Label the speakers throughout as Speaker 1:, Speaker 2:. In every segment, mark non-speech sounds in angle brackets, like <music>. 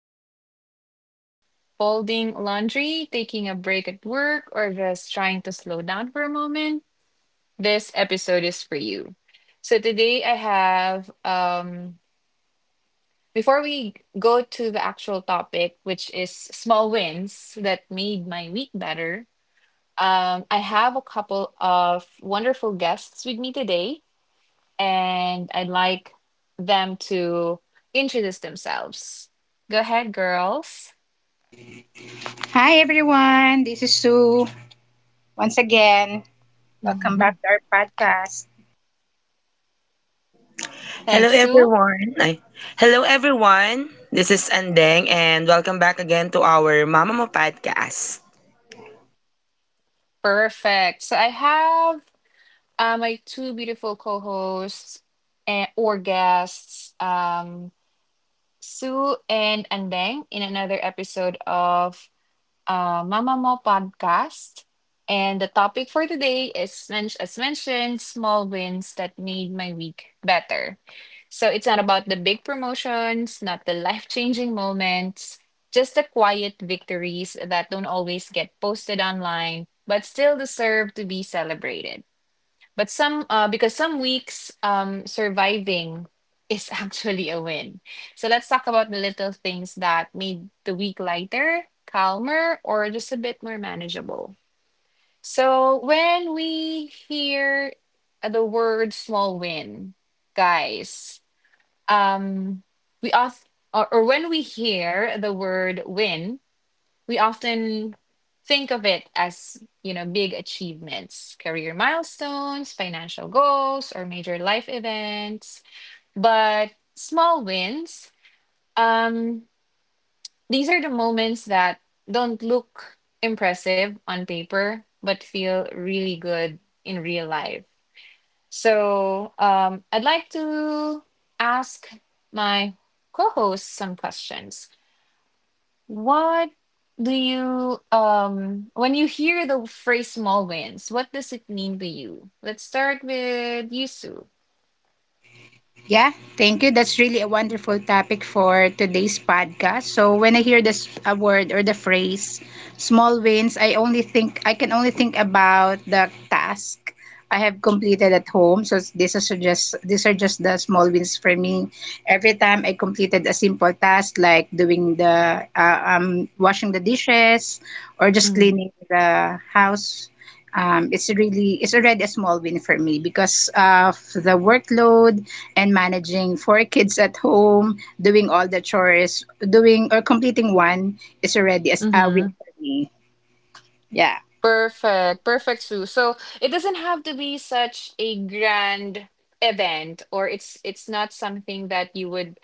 Speaker 1: while commuting, folding laundry, taking a break at work, or just trying to slow down for a moment, this episode is for you. So, today before we go to the actual topic, which is small wins that made my week better, I have a couple of wonderful guests with me today. And I'd like them to introduce themselves. Go ahead, girls.
Speaker 2: Hi everyone, this is Sue. Once again, welcome back to
Speaker 1: <laughs>
Speaker 2: our podcast.
Speaker 3: Hello
Speaker 1: Thanks, Sue.
Speaker 3: everyone. Ay, hello everyone. This is Andeng and welcome back again to our Mama Mo podcast.
Speaker 1: Perfect. So I have my two beautiful co-hosts and or guests, Sue and Andeng, in another episode of Mama Mo podcast. And the topic for today is, as mentioned, small wins that made my week better. So it's not about the big promotions, not the life changing moments, just the quiet victories that don't always get posted online, but still deserve to be celebrated. Because some weeks, surviving is <laughs> actually a win. So let's talk about the little things that made the week lighter, calmer, or just a bit more manageable. So when we hear the word small win, guys, um, we off or when we hear the word win, we often think of it as, you know, big achievements, career milestones, financial goals, or major life events. But small wins, um these are the moments that don't look impressive on paper but feel really good in real life. So I'd like to ask my co-host some questions. What do you When you hear the phrase small wins, what does it mean to you? Let's start with you, Sue.
Speaker 2: Yeah, thank you. That's really a wonderful topic for today's podcast. So when I hear this a word or the phrase small wins, I can only think about the task I have completed at home. So this is just these are just the small wins for me. Every time I completed a simple task like doing the washing the dishes or just
Speaker 1: Mm.
Speaker 2: cleaning the house, it's really it's already a small win for me because of the workload and managing four kids at home, doing all the chores, doing or completing one is already as a
Speaker 1: Mm-hmm.
Speaker 2: win for me. Yeah, of
Speaker 1: Perfect. Perfect, Sue. So it doesn't have to be such a grand event, or it's not something that you would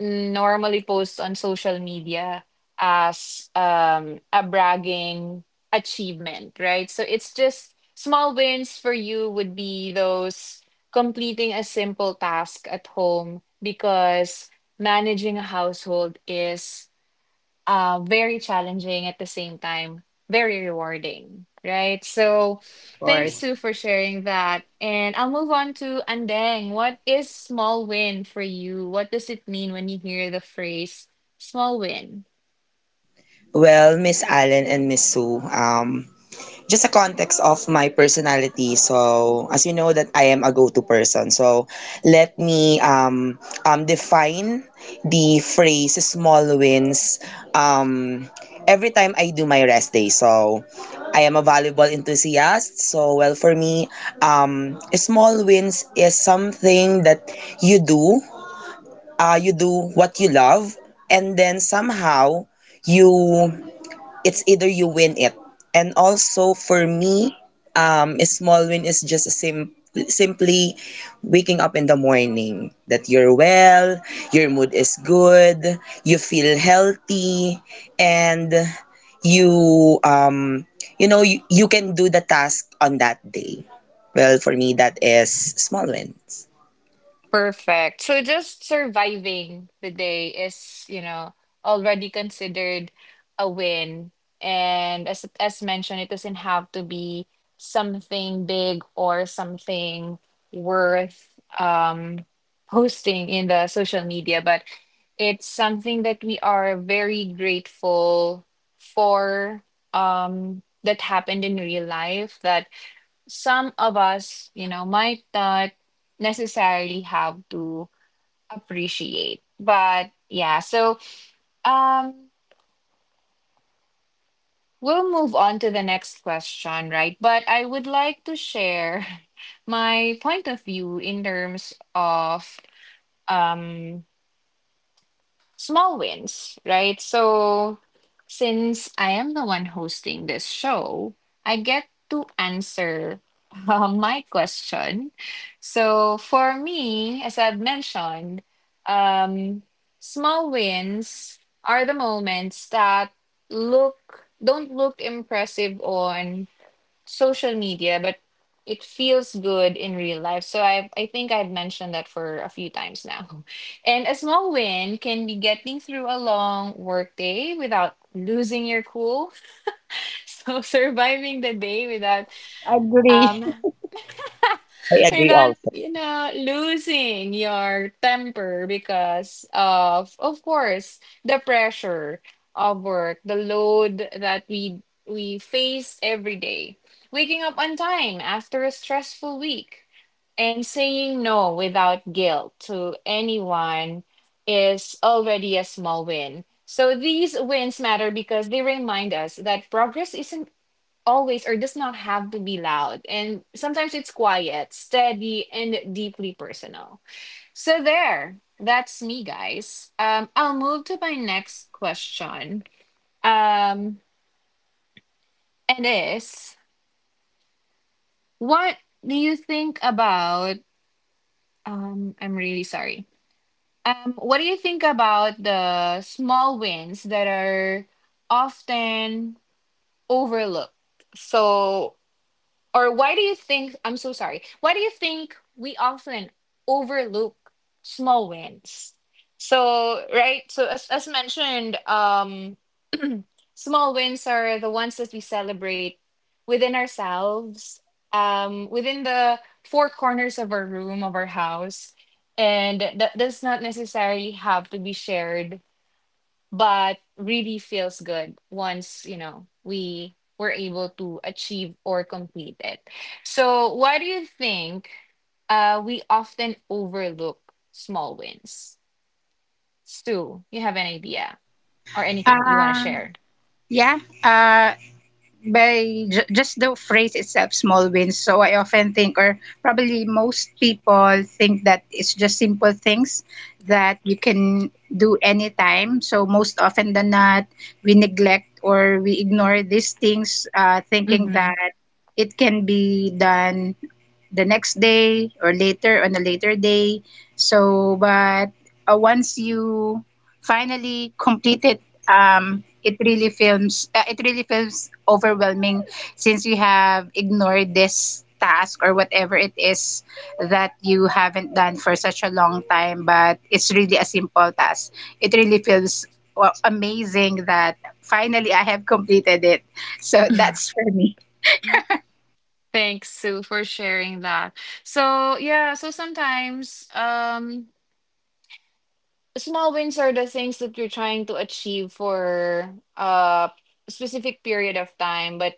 Speaker 1: normally posts on social media as a bragging achievement, right? So it's just small wins for you would be those completing a simple task at home, because managing a household is very challenging at the same time, very rewarding, right? So thanks,
Speaker 2: course.
Speaker 1: Sue, for sharing that. And I'll move on to Andeng. What is small win for you? What does it mean when you hear the phrase small win?
Speaker 3: Well, Miss Allen and Miss Sue, just a context of my personality. So, as you know that I am a go-to person. So, let me define the phrase small wins um, every time I do my rest day. So, I am a volleyball enthusiast. So, well, for me, small wins is something that you do. You do what you love and then somehow you it's either you win it. And also for me, a small win is just simply waking up in the morning that you're well, your mood is good, you feel healthy, and you you know you can do the task on that day. Well, for me, that is small wins.
Speaker 1: Perfect. So just surviving the day is, already considered a win. And as mentioned, it doesn't have to be something big or something worth um posting in the social media, but it's something that we are very grateful for that happened in real life that some of us, you know, might not necessarily have to appreciate. But yeah, so um we'll move on to the next question, right? But I would like to share <laughs> my point of view in terms of um small wins, right? So, since I am the one hosting this show, I get to answer <laughs> my question. So, for me, as I've mentioned, um, small wins are the moments that look don't look impressive on social media, but it feels good in real life. So I think I've mentioned that for a few times now. <laughs> And a small win can be getting through a long work day without losing your cool. <laughs> So surviving the day without
Speaker 2: Agree.
Speaker 1: um
Speaker 2: <laughs>
Speaker 3: I agree.
Speaker 1: without losing your temper, because, of course, the pressure of work, the load that we face every day, waking up on time after a stressful week, and saying no without guilt to anyone is already a small win. So these wins matter because they remind us that progress isn't always, or does not have to be, loud, and sometimes it's quiet, steady, and deeply personal. So there, that's me, guys. I'll move to my next question. Um and is what do you think about I'm really sorry. What do you think about the small wins that are often overlooked? So or why do you think, I'm so sorry, why do you think we often overlook small wins? So, right, so as mentioned, small wins are the ones that we celebrate within ourselves, within the four corners of our room, of our house. And that does not necessarily have to be shared but really feels good once we were able to achieve or complete it. So why do you think we often overlook small wins? Stu, you have an idea or anything that you want to
Speaker 2: Uh,
Speaker 1: share?
Speaker 2: yeah. Uh, by just the phrase itself small wins, so I often think or probably most people think that it's just simple things that you can do anytime, so most often than not we neglect or we ignore these things, thinking
Speaker 1: Mm-hmm.
Speaker 2: that it can be done the next day or later on a later day. But once you finally complete it, it really feels overwhelming since you have ignored this task or whatever it is that you haven't done for such a long time. But it's really a simple task. It really feels, well, amazing that finally I have completed it. So that's for me.
Speaker 1: Thanks, Sue, for sharing that. So yeah, so sometimes small wins are the things that you're trying to achieve for a specific period of time, but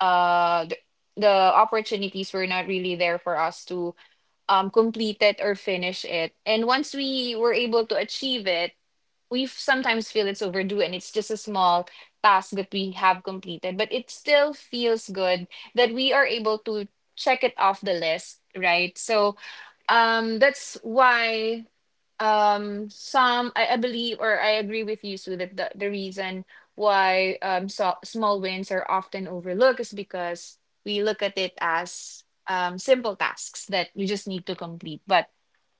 Speaker 1: uh the, the opportunities were not really there for us to complete it or finish it. And once we were able to achieve it, we sometimes feel it's overdue and it's just a small task that we have completed, but it still feels good that we are able to check it off the list, right? So that's why some I believe or I agree with you, Sue, that the reason why small wins are often overlooked is because we look at it as simple tasks that we just need to complete. But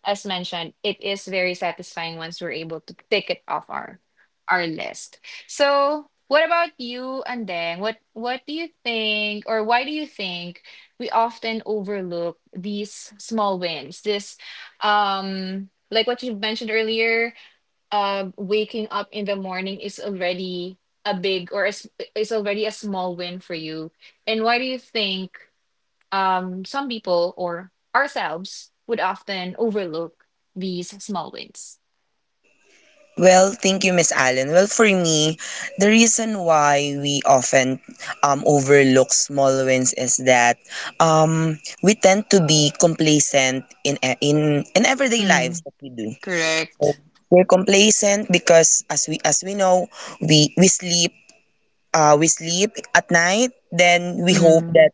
Speaker 1: as mentioned, it is very satisfying once we're able to pick it off our list. So, what about you, Andeng? What do you think, or why do you think we often overlook these small wins? This, like what you mentioned earlier, waking up in the morning is already a big or is already a small win for you. And why do you think some people or ourselves would often overlook these small wins?
Speaker 3: Well, thank you, Miss Allen. Well, for me, the reason why we often overlook small wins is that we tend to be complacent in in everyday
Speaker 1: Mm,
Speaker 3: lives that we do. So
Speaker 1: correct.
Speaker 3: we're complacent because, as we know, we sleep we sleep at night. Then we hope
Speaker 1: Mm,
Speaker 3: that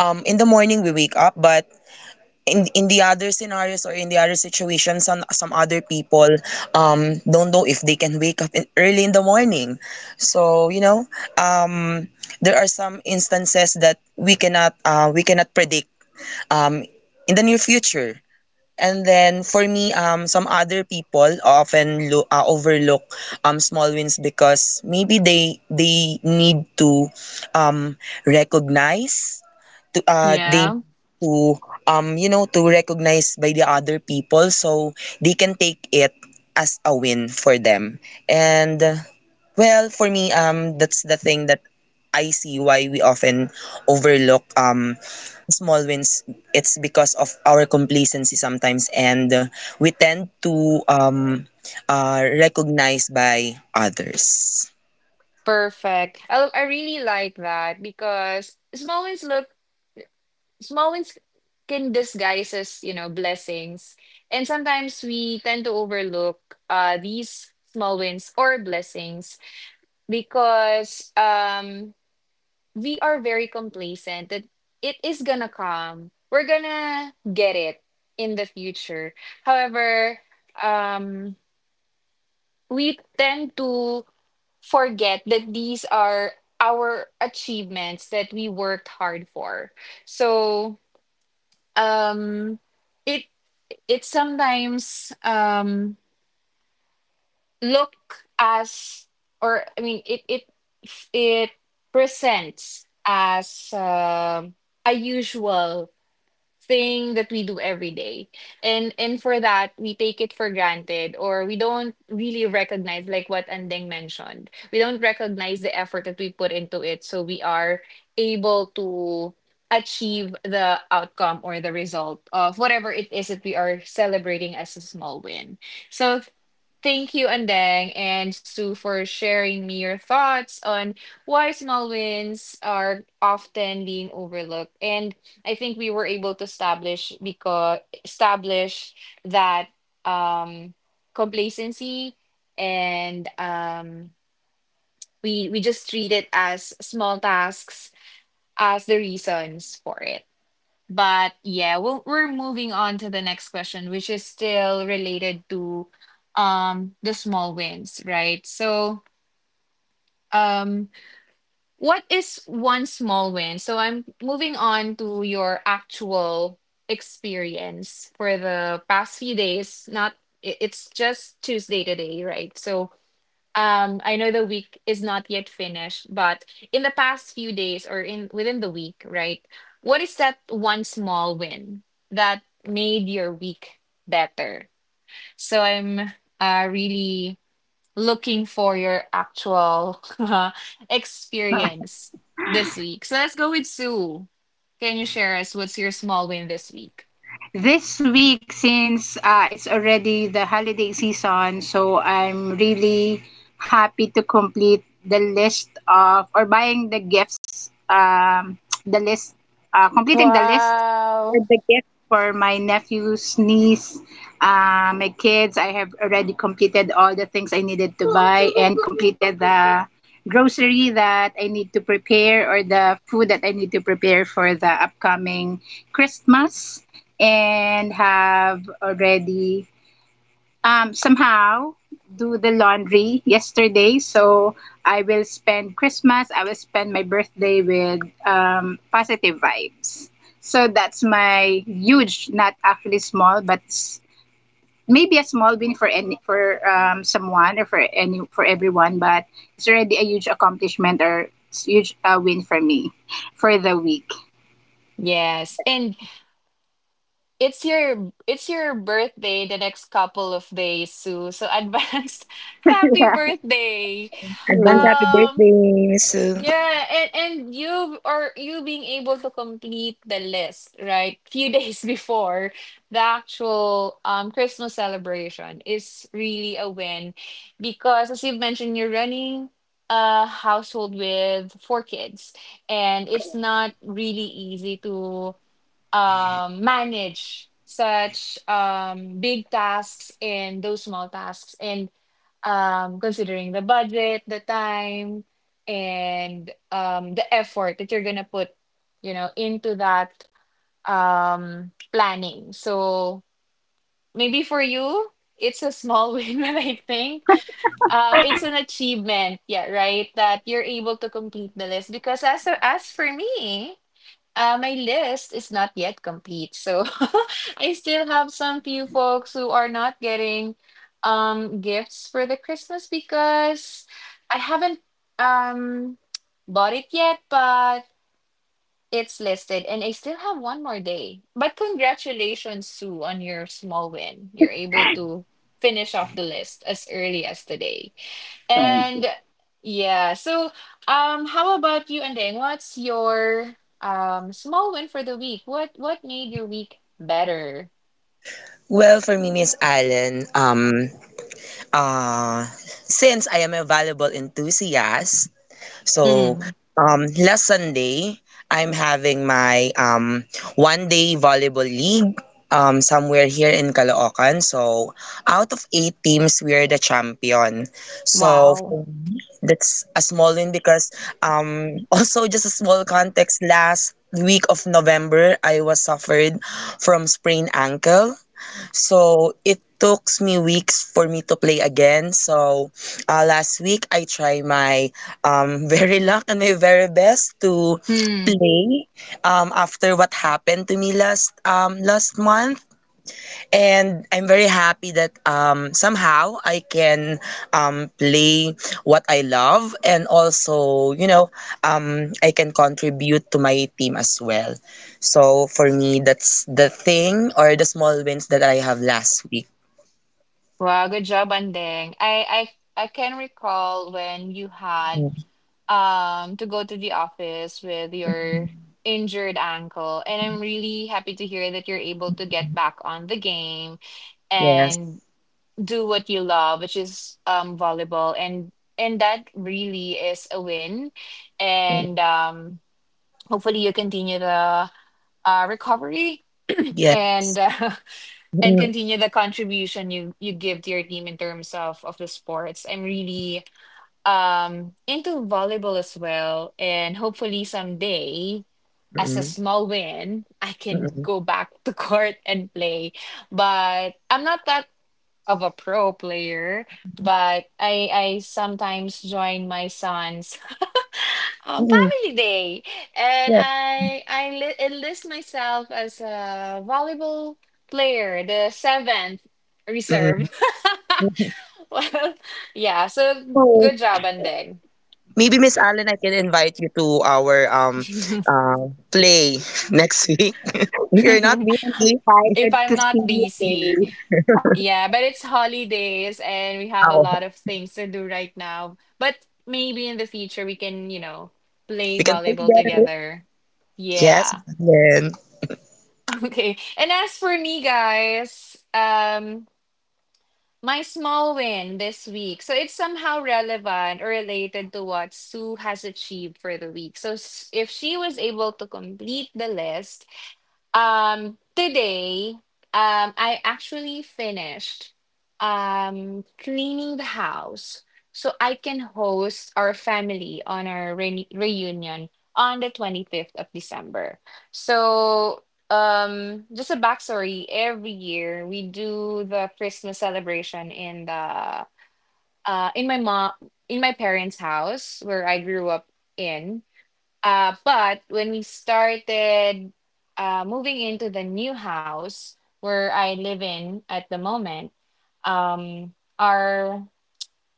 Speaker 3: in the morning we wake up, but in the other scenarios or in the other situations some other people don't know if they can wake up in, early in the morning, so you know, um there are some instances that we cannot predict um in the near future. And then for me, some other people often overlook small wins because maybe they need to recognize, to they
Speaker 1: yeah,
Speaker 3: to you know, to recognize by the other people, so they can take it as a win for them. And well, for me, that's the thing that I see why we often overlook small wins. It's because of our complacency sometimes, and we tend to recognize by others.
Speaker 1: perfect. I really like that, because small wins can disguise as, you know, blessings, and sometimes we tend to overlook these small wins or blessings because we are very complacent that it is gonna come. We're gonna get it in the future. However, um, we tend to forget that these are our achievements that we worked hard for. So, um, it it sometimes look as or I mean it presents as a usual thing that we do every day. And for that we take it for granted, or we don't really recognize, like what Andeng mentioned, we don't recognize the effort that we put into it, so we are able to achieve the outcome or the result of whatever it is that we are celebrating as a small win. So thank you, Andeng and Sue, for sharing me your thoughts on why small wins are often being overlooked. And I think we were able to establish that um, complacency and we just treat it as small tasks as the reasons for it. But yeah, we're moving on to the next question, which is still related to the small wins, right? So um what is one small win? So I'm moving on to your actual experience for the past few days. Not I- It's just Tuesday today, right? So I know the week is not yet finished, but in the past few days, or in within the week, right? What is that one small win that made your week better? So I'm really looking for your actual <laughs> experience this week. So let's go with Sue. Can you share us what's your small win this week?
Speaker 2: This week, since it's already the holiday season, so I'm really happy to complete the list of or buying the gifts. The list, completing the list for
Speaker 1: Wow.
Speaker 2: the gift for my nephews, niece, my kids. I have already completed all the things I needed to buy and completed the grocery that I need to prepare or the food that I need to prepare for the upcoming Christmas, and have already, somehow, do the laundry yesterday. So I will spend Christmas, I will spend my birthday with positive vibes. So that's my huge, not actually small, but maybe a small win for any, for someone or for any, for everyone. But it's already a huge accomplishment or huge win for me for the week.
Speaker 1: Yes. And it's your birthday the next couple of days, Sue. So advanced <laughs> happy birthday.
Speaker 3: Agree
Speaker 1: Um
Speaker 3: with.
Speaker 1: yeah, and you being able to complete the list, right? Few <laughs> days before the actual Christmas celebration is really a win, because as you've mentioned, you're running a household with four kids, and it's not really easy to manage such big tasks and those small tasks, and considering the budget, the time, and the effort that you're going to put into that planning. So maybe for you it's a small <laughs> win, but I think it's an achievement, yeah, right, that you're able to complete the list, because as for me, my list is not yet complete, so <laughs> I still have some few folks who are not getting gifts for the Christmas because I haven't um bought it yet, but it's listed and I still have one more day. But congratulations, Sue, on your small win. You're able to finish off the list as early as today. And yeah, so how about you, Andeng? What's your small win for the week? What made your week better?
Speaker 3: Well, for me, Miss Allen, Uh, since I am a valuable enthusiast, so
Speaker 1: Mm,
Speaker 3: last Sunday, I'm having my one day volleyball league somewhere here in Caloocan. So, out of eight teams, we are the champion. So,
Speaker 1: wow.
Speaker 3: that's a small win because, <laughs> also just a small context, last week of November, I was suffered from sprained ankle. So it took me weeks for me to play again. So last week I try my <laughs> very luck and my very best to
Speaker 1: Hmm.
Speaker 3: play after what happened to me last month, and I'm very happy that somehow I can play what I love and also, you know, I can contribute to my team as well. So for me, that's the thing or the small wins that I have last week.
Speaker 1: Wow, good job, Andeng. I can recall when you had
Speaker 3: Mm,
Speaker 1: to go to the office with your injured ankle, and I'm really happy to hear that you're able to get back on the game
Speaker 3: yes,
Speaker 1: and. Do what you love, which is volleyball and that really is a win. And hopefully you continue the recovery
Speaker 3: yes.
Speaker 1: and <laughs> and
Speaker 3: Mm,
Speaker 1: continue the contribution you give to your team in terms of the sports. I'm really into volleyball as well, and hopefully someday, as a
Speaker 3: mm,
Speaker 1: small win, I can
Speaker 3: mm,
Speaker 1: go back to <laughs> court and play. But I'm not that of a pro player, but I sometimes join my son's <laughs>
Speaker 3: mm.
Speaker 1: family day, and
Speaker 3: Yes.
Speaker 1: I li enlist myself as a volleyball player, the seventh
Speaker 3: Mm. Mm.
Speaker 1: reserve. <laughs> Well, yeah, so
Speaker 2: So
Speaker 1: good job, and then
Speaker 3: Maybe Miss Allen, I can invite you to our play <laughs> next week. <laughs> You're not
Speaker 1: <laughs>
Speaker 3: busy.
Speaker 1: if
Speaker 2: excited to
Speaker 1: I'm
Speaker 2: see
Speaker 1: not
Speaker 2: you,
Speaker 1: busy,
Speaker 2: Kay.
Speaker 1: yeah, but it's holidays and we have a
Speaker 3: Oh,
Speaker 1: lot of things to do right now, but maybe in the future we can, you know, play
Speaker 3: we can play
Speaker 1: volleyball
Speaker 3: together.
Speaker 1: together.
Speaker 3: Yes,
Speaker 1: Yeah.
Speaker 3: Miss Allen.
Speaker 1: Okay. And as for me, guys, my small win this week. So it's somehow relevant or related to what Sue has achieved for the week. So if she was able to complete the list, today, I actually finished cleaning the house so I can host our family on our re reunion on the 25th of December. So, just a backstory, every year we do the Christmas celebration in the uh in my mom in my parents' house where I grew up in. But when we started moving into the new house where I live in at the moment, um, our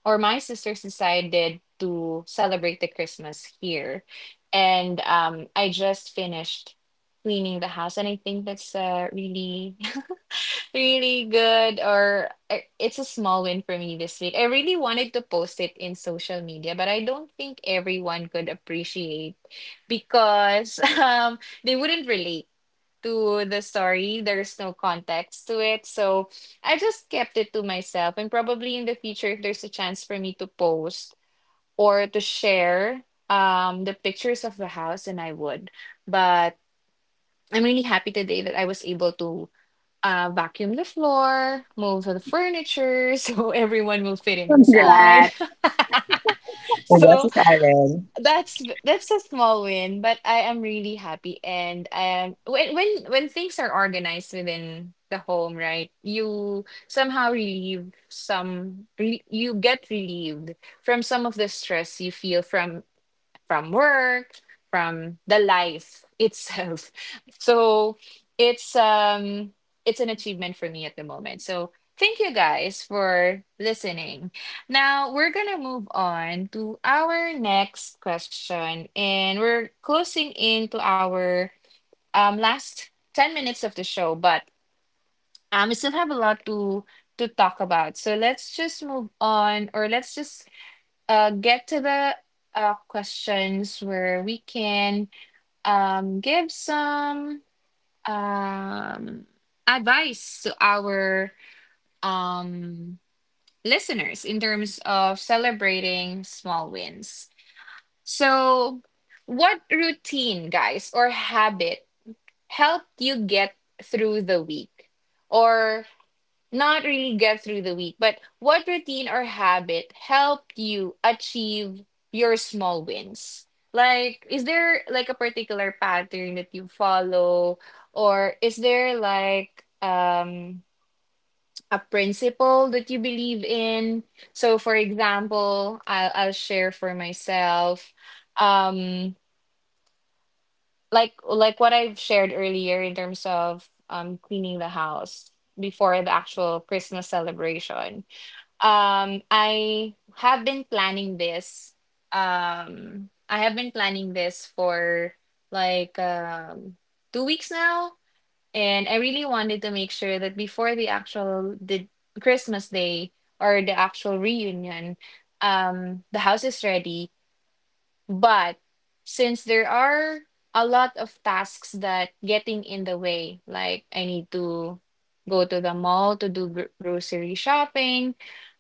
Speaker 1: or my sisters decided to celebrate the Christmas here, and I just finished cleaning the house, and I think that's a really good or it's a small win for me this week. I really wanted to post it in social media, but I don't think everyone could appreciate because <laughs> they wouldn't relate to the story. There's no context to it. So I just kept it to myself, and probably in the future, if there's a chance for me to post or to share the pictures of the house, and I would. But I'm really happy today that I was able to vacuum the floor, move the furniture <laughs> so everyone will fit in inside.
Speaker 2: Congrats.
Speaker 1: <laughs>
Speaker 3: Oh, yes,
Speaker 1: So
Speaker 3: Miss Allen.
Speaker 1: that's a small win, but I am really happy. And when things are organized within the home, right, you somehow you get relieved from some of the stress you feel from work, from the life itself. <laughs> So it's it's an achievement for me at the moment. So thank you guys for listening. Now we're gonna move on to our next question, and we're closing into our last 10 minutes of the show, but we still have a lot to talk about. So let's just move on, or let's just get to the questions where we can give some um, advice to our um, listeners in terms of celebrating small wins. So, what routine, guys, or habit helped you get through the week? Or not really get through the week, but what routine or habit helped you achieve your small wins? Like, is there like a particular pattern that you follow, or is there like a principle that you believe in? So, for example, I'll share for myself, um, like what I've shared earlier in terms of cleaning the house before the actual Christmas celebration, I have been planning this. I have been planning this for like 2 weeks now, and I really wanted to make sure that before the actual the Christmas day or the actual reunion, the house is ready. But since there are a lot of tasks that getting in the way, like I need to go to the mall to do gr grocery shopping.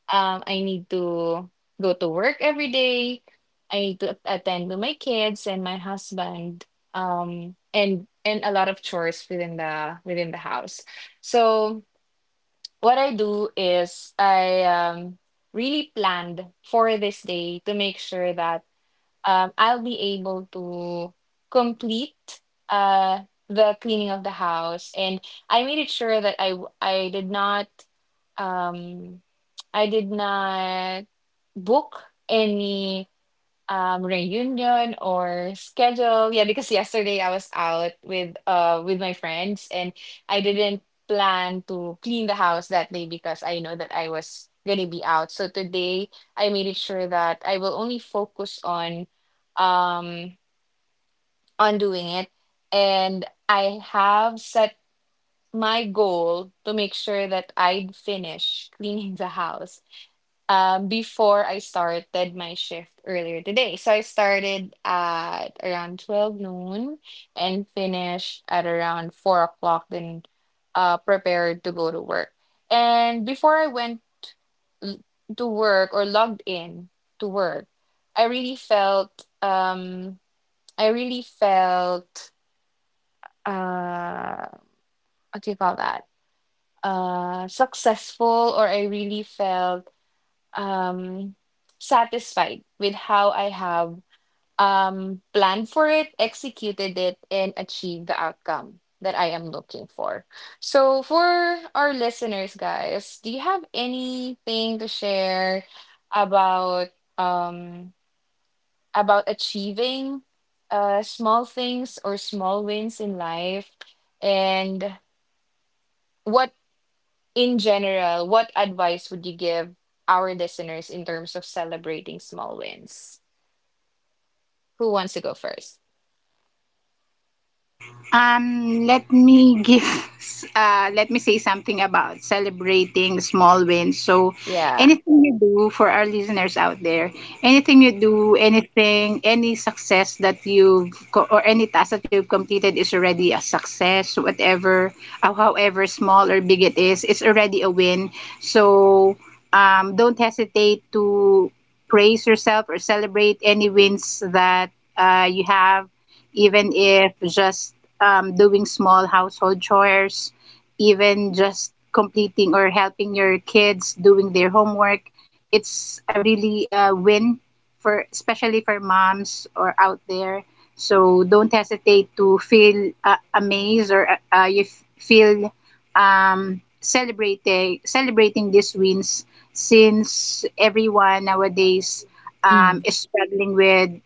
Speaker 1: I need to go to work every day. I need to attend to my kids and my husband. And a lot of chores within the house. So what I do is I really planned for this day to make sure that I'll be able to complete uh the cleaning of the house, and I made it sure that I did not um I did not book any reunion or schedule, yeah, because yesterday I was out with my friends, and I didn't plan to clean the house that day because I know that I was gonna be out, so today I made it sure that I will only focus um on doing it. And I have set my goal to make sure that I'd finish cleaning the house, before I started my shift earlier today. So I started at around 12 noon and finished at around 4 o'clock, then prepared to go to work. And before I l- to work or logged in to work, I really felt, um, I really felt, uh, what do you call that? Successful, or I really felt um satisfied with how I have planned for it, executed it, and achieved the outcome that I am looking for. So for our listeners, guys, do you have anything to share about um about achieving small things or small wins in life, and what, in general, what advice would you give our listeners in terms of celebrating small wins? Who wants to go first?
Speaker 2: Let me give, let me say something about celebrating small wins. So,
Speaker 1: Yeah.
Speaker 2: anything you do, for our listeners out there, anything you do, anything, any success that you've, or any task that you've completed is already a success. Whatever, however small or big it is, it's already a win. So, don't hesitate to praise yourself or celebrate any wins that you have, even if just doing small household chores, even just completing or helping your kids doing their homework. It's a really win for, especially for moms, or out there. So don't hesitate to feel amazed, or you feel, celebrating, these wins, since everyone nowadays
Speaker 1: Mm,
Speaker 2: is struggling with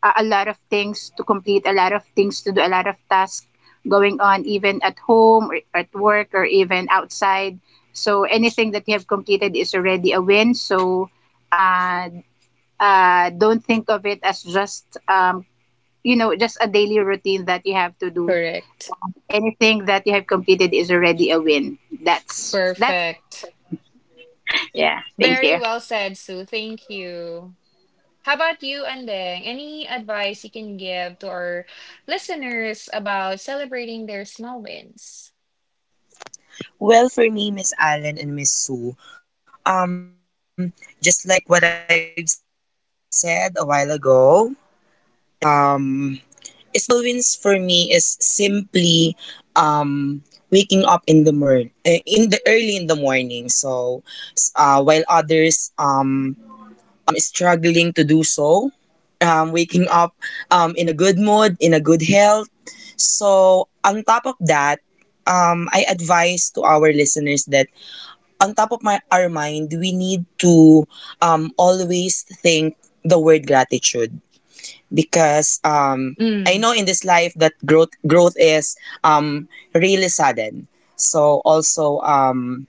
Speaker 2: a lot of things to complete, a lot of things to do, a lot of tasks going on, even at home or at work or even outside. So anything that you have completed is already a win. So uh, don't think of it as just, you know, just a daily routine that you have to do.
Speaker 1: correct.
Speaker 2: Anything that you have completed is already a win. That's
Speaker 1: Perfect.
Speaker 2: yeah. Thank
Speaker 1: Very
Speaker 2: you.
Speaker 1: well said, Sue. Thank you. How about you, Andeng? Any advice you can give to our listeners about celebrating their small wins?
Speaker 3: Well, for me, Miss Allen and Miss Sue, um, just like what I've said a while ago, um, small wins for me is simply um waking up in the morning, in the early in the morning. So, while others struggling to do so, waking up in a good mood, in a good health. So, on top of that, I advise to our listeners that on top of my, our mind, we need to always think the word gratitude, because I
Speaker 1: Mm,
Speaker 3: know in this life that growth is really sudden. So also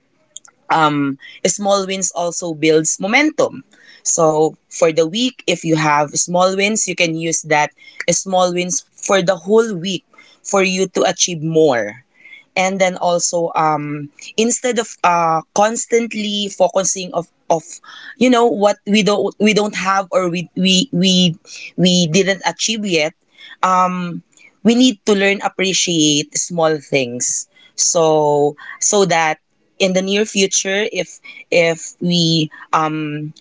Speaker 3: um, small wins also builds momentum. So for the week, if you have small wins, you can use that small wins for the whole week for you to achieve more. And then also instead of constantly focusing of you know what we don't have, or we we didn't achieve yet. um we need to learn appreciate small things, so so that in the near future, if we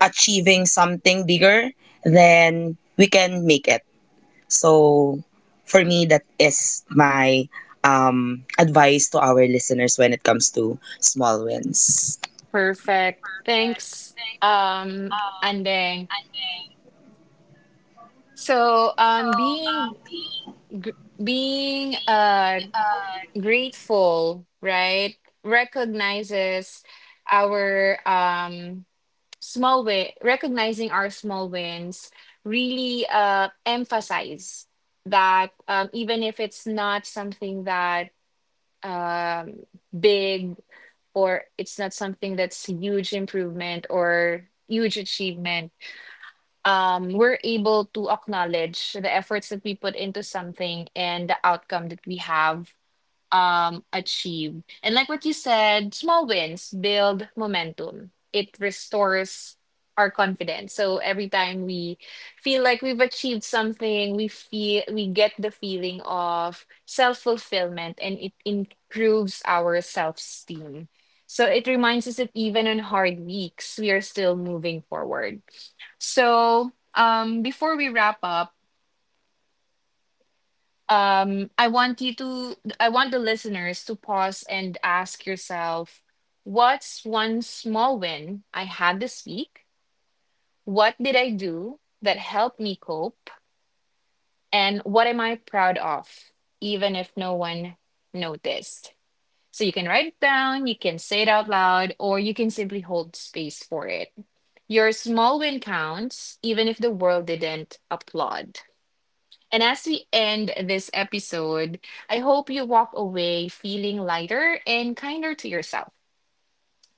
Speaker 3: achieving something bigger, then we can make it. So for me, that is my advice to our listeners when it comes to small wins.
Speaker 1: perfect. Thanks, Andeng. So, being gr- being uh grateful, right? Recognizes our small win recognizing our small wins really emphasize that, even if it's not something that um big or it's not something that's huge improvement or huge achievement, we're able to acknowledge the efforts that we put into something and the outcome that we have achieved. And like what you said, small wins build momentum. It restores our confidence. So every time we feel like we've achieved something, we feel, we get the feeling of self-fulfillment, and it improves our self-esteem. So it reminds us that even on hard weeks, we are still moving forward. So before we wrap up, I want you to, I want the listeners to pause and ask yourself, what's one small win I had this week? What did I do that helped me cope? And what am I proud of, even if no one noticed? So you can write it down, you can say it out loud, or you can simply hold space for it. Your small win counts even if the world didn't applaud. And as we end this episode, I hope you walk away feeling lighter and kinder to yourself.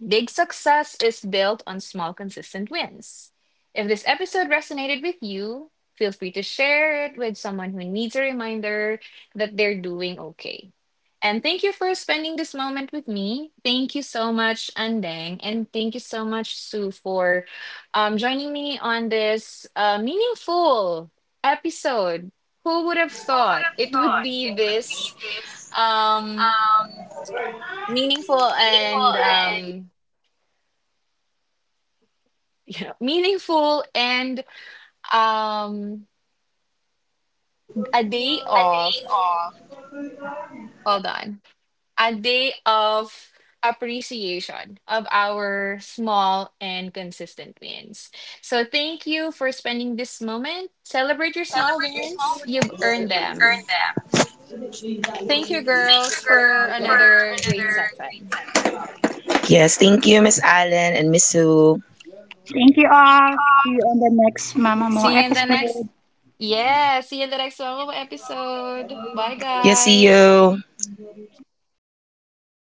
Speaker 1: Big success is built on small, consistent wins. If this episode resonated with you, feel free to share it with someone who needs a reminder that they're doing okay. And thank you for spending this moment with me. Thank you so much, Andeng, and thank you so much, Sue, for joining me on this meaningful episode. Who would have thought it would be this um, meaningful and you know, meaningful and um a day of hold on, a day of appreciation of our small and consistent wins. So thank you for spending this moment. Celebrate your small wins. You've earned them. Thank you girls for another great session.
Speaker 3: Yes, thank you, Miss Allen and Miss Sue.
Speaker 2: Thank you all. See you on the next Mama Mo
Speaker 1: See you in the next,
Speaker 2: episode.
Speaker 1: yeah, see you in the next Wawa episode. Bye
Speaker 3: Yes, see
Speaker 1: guys.
Speaker 3: you.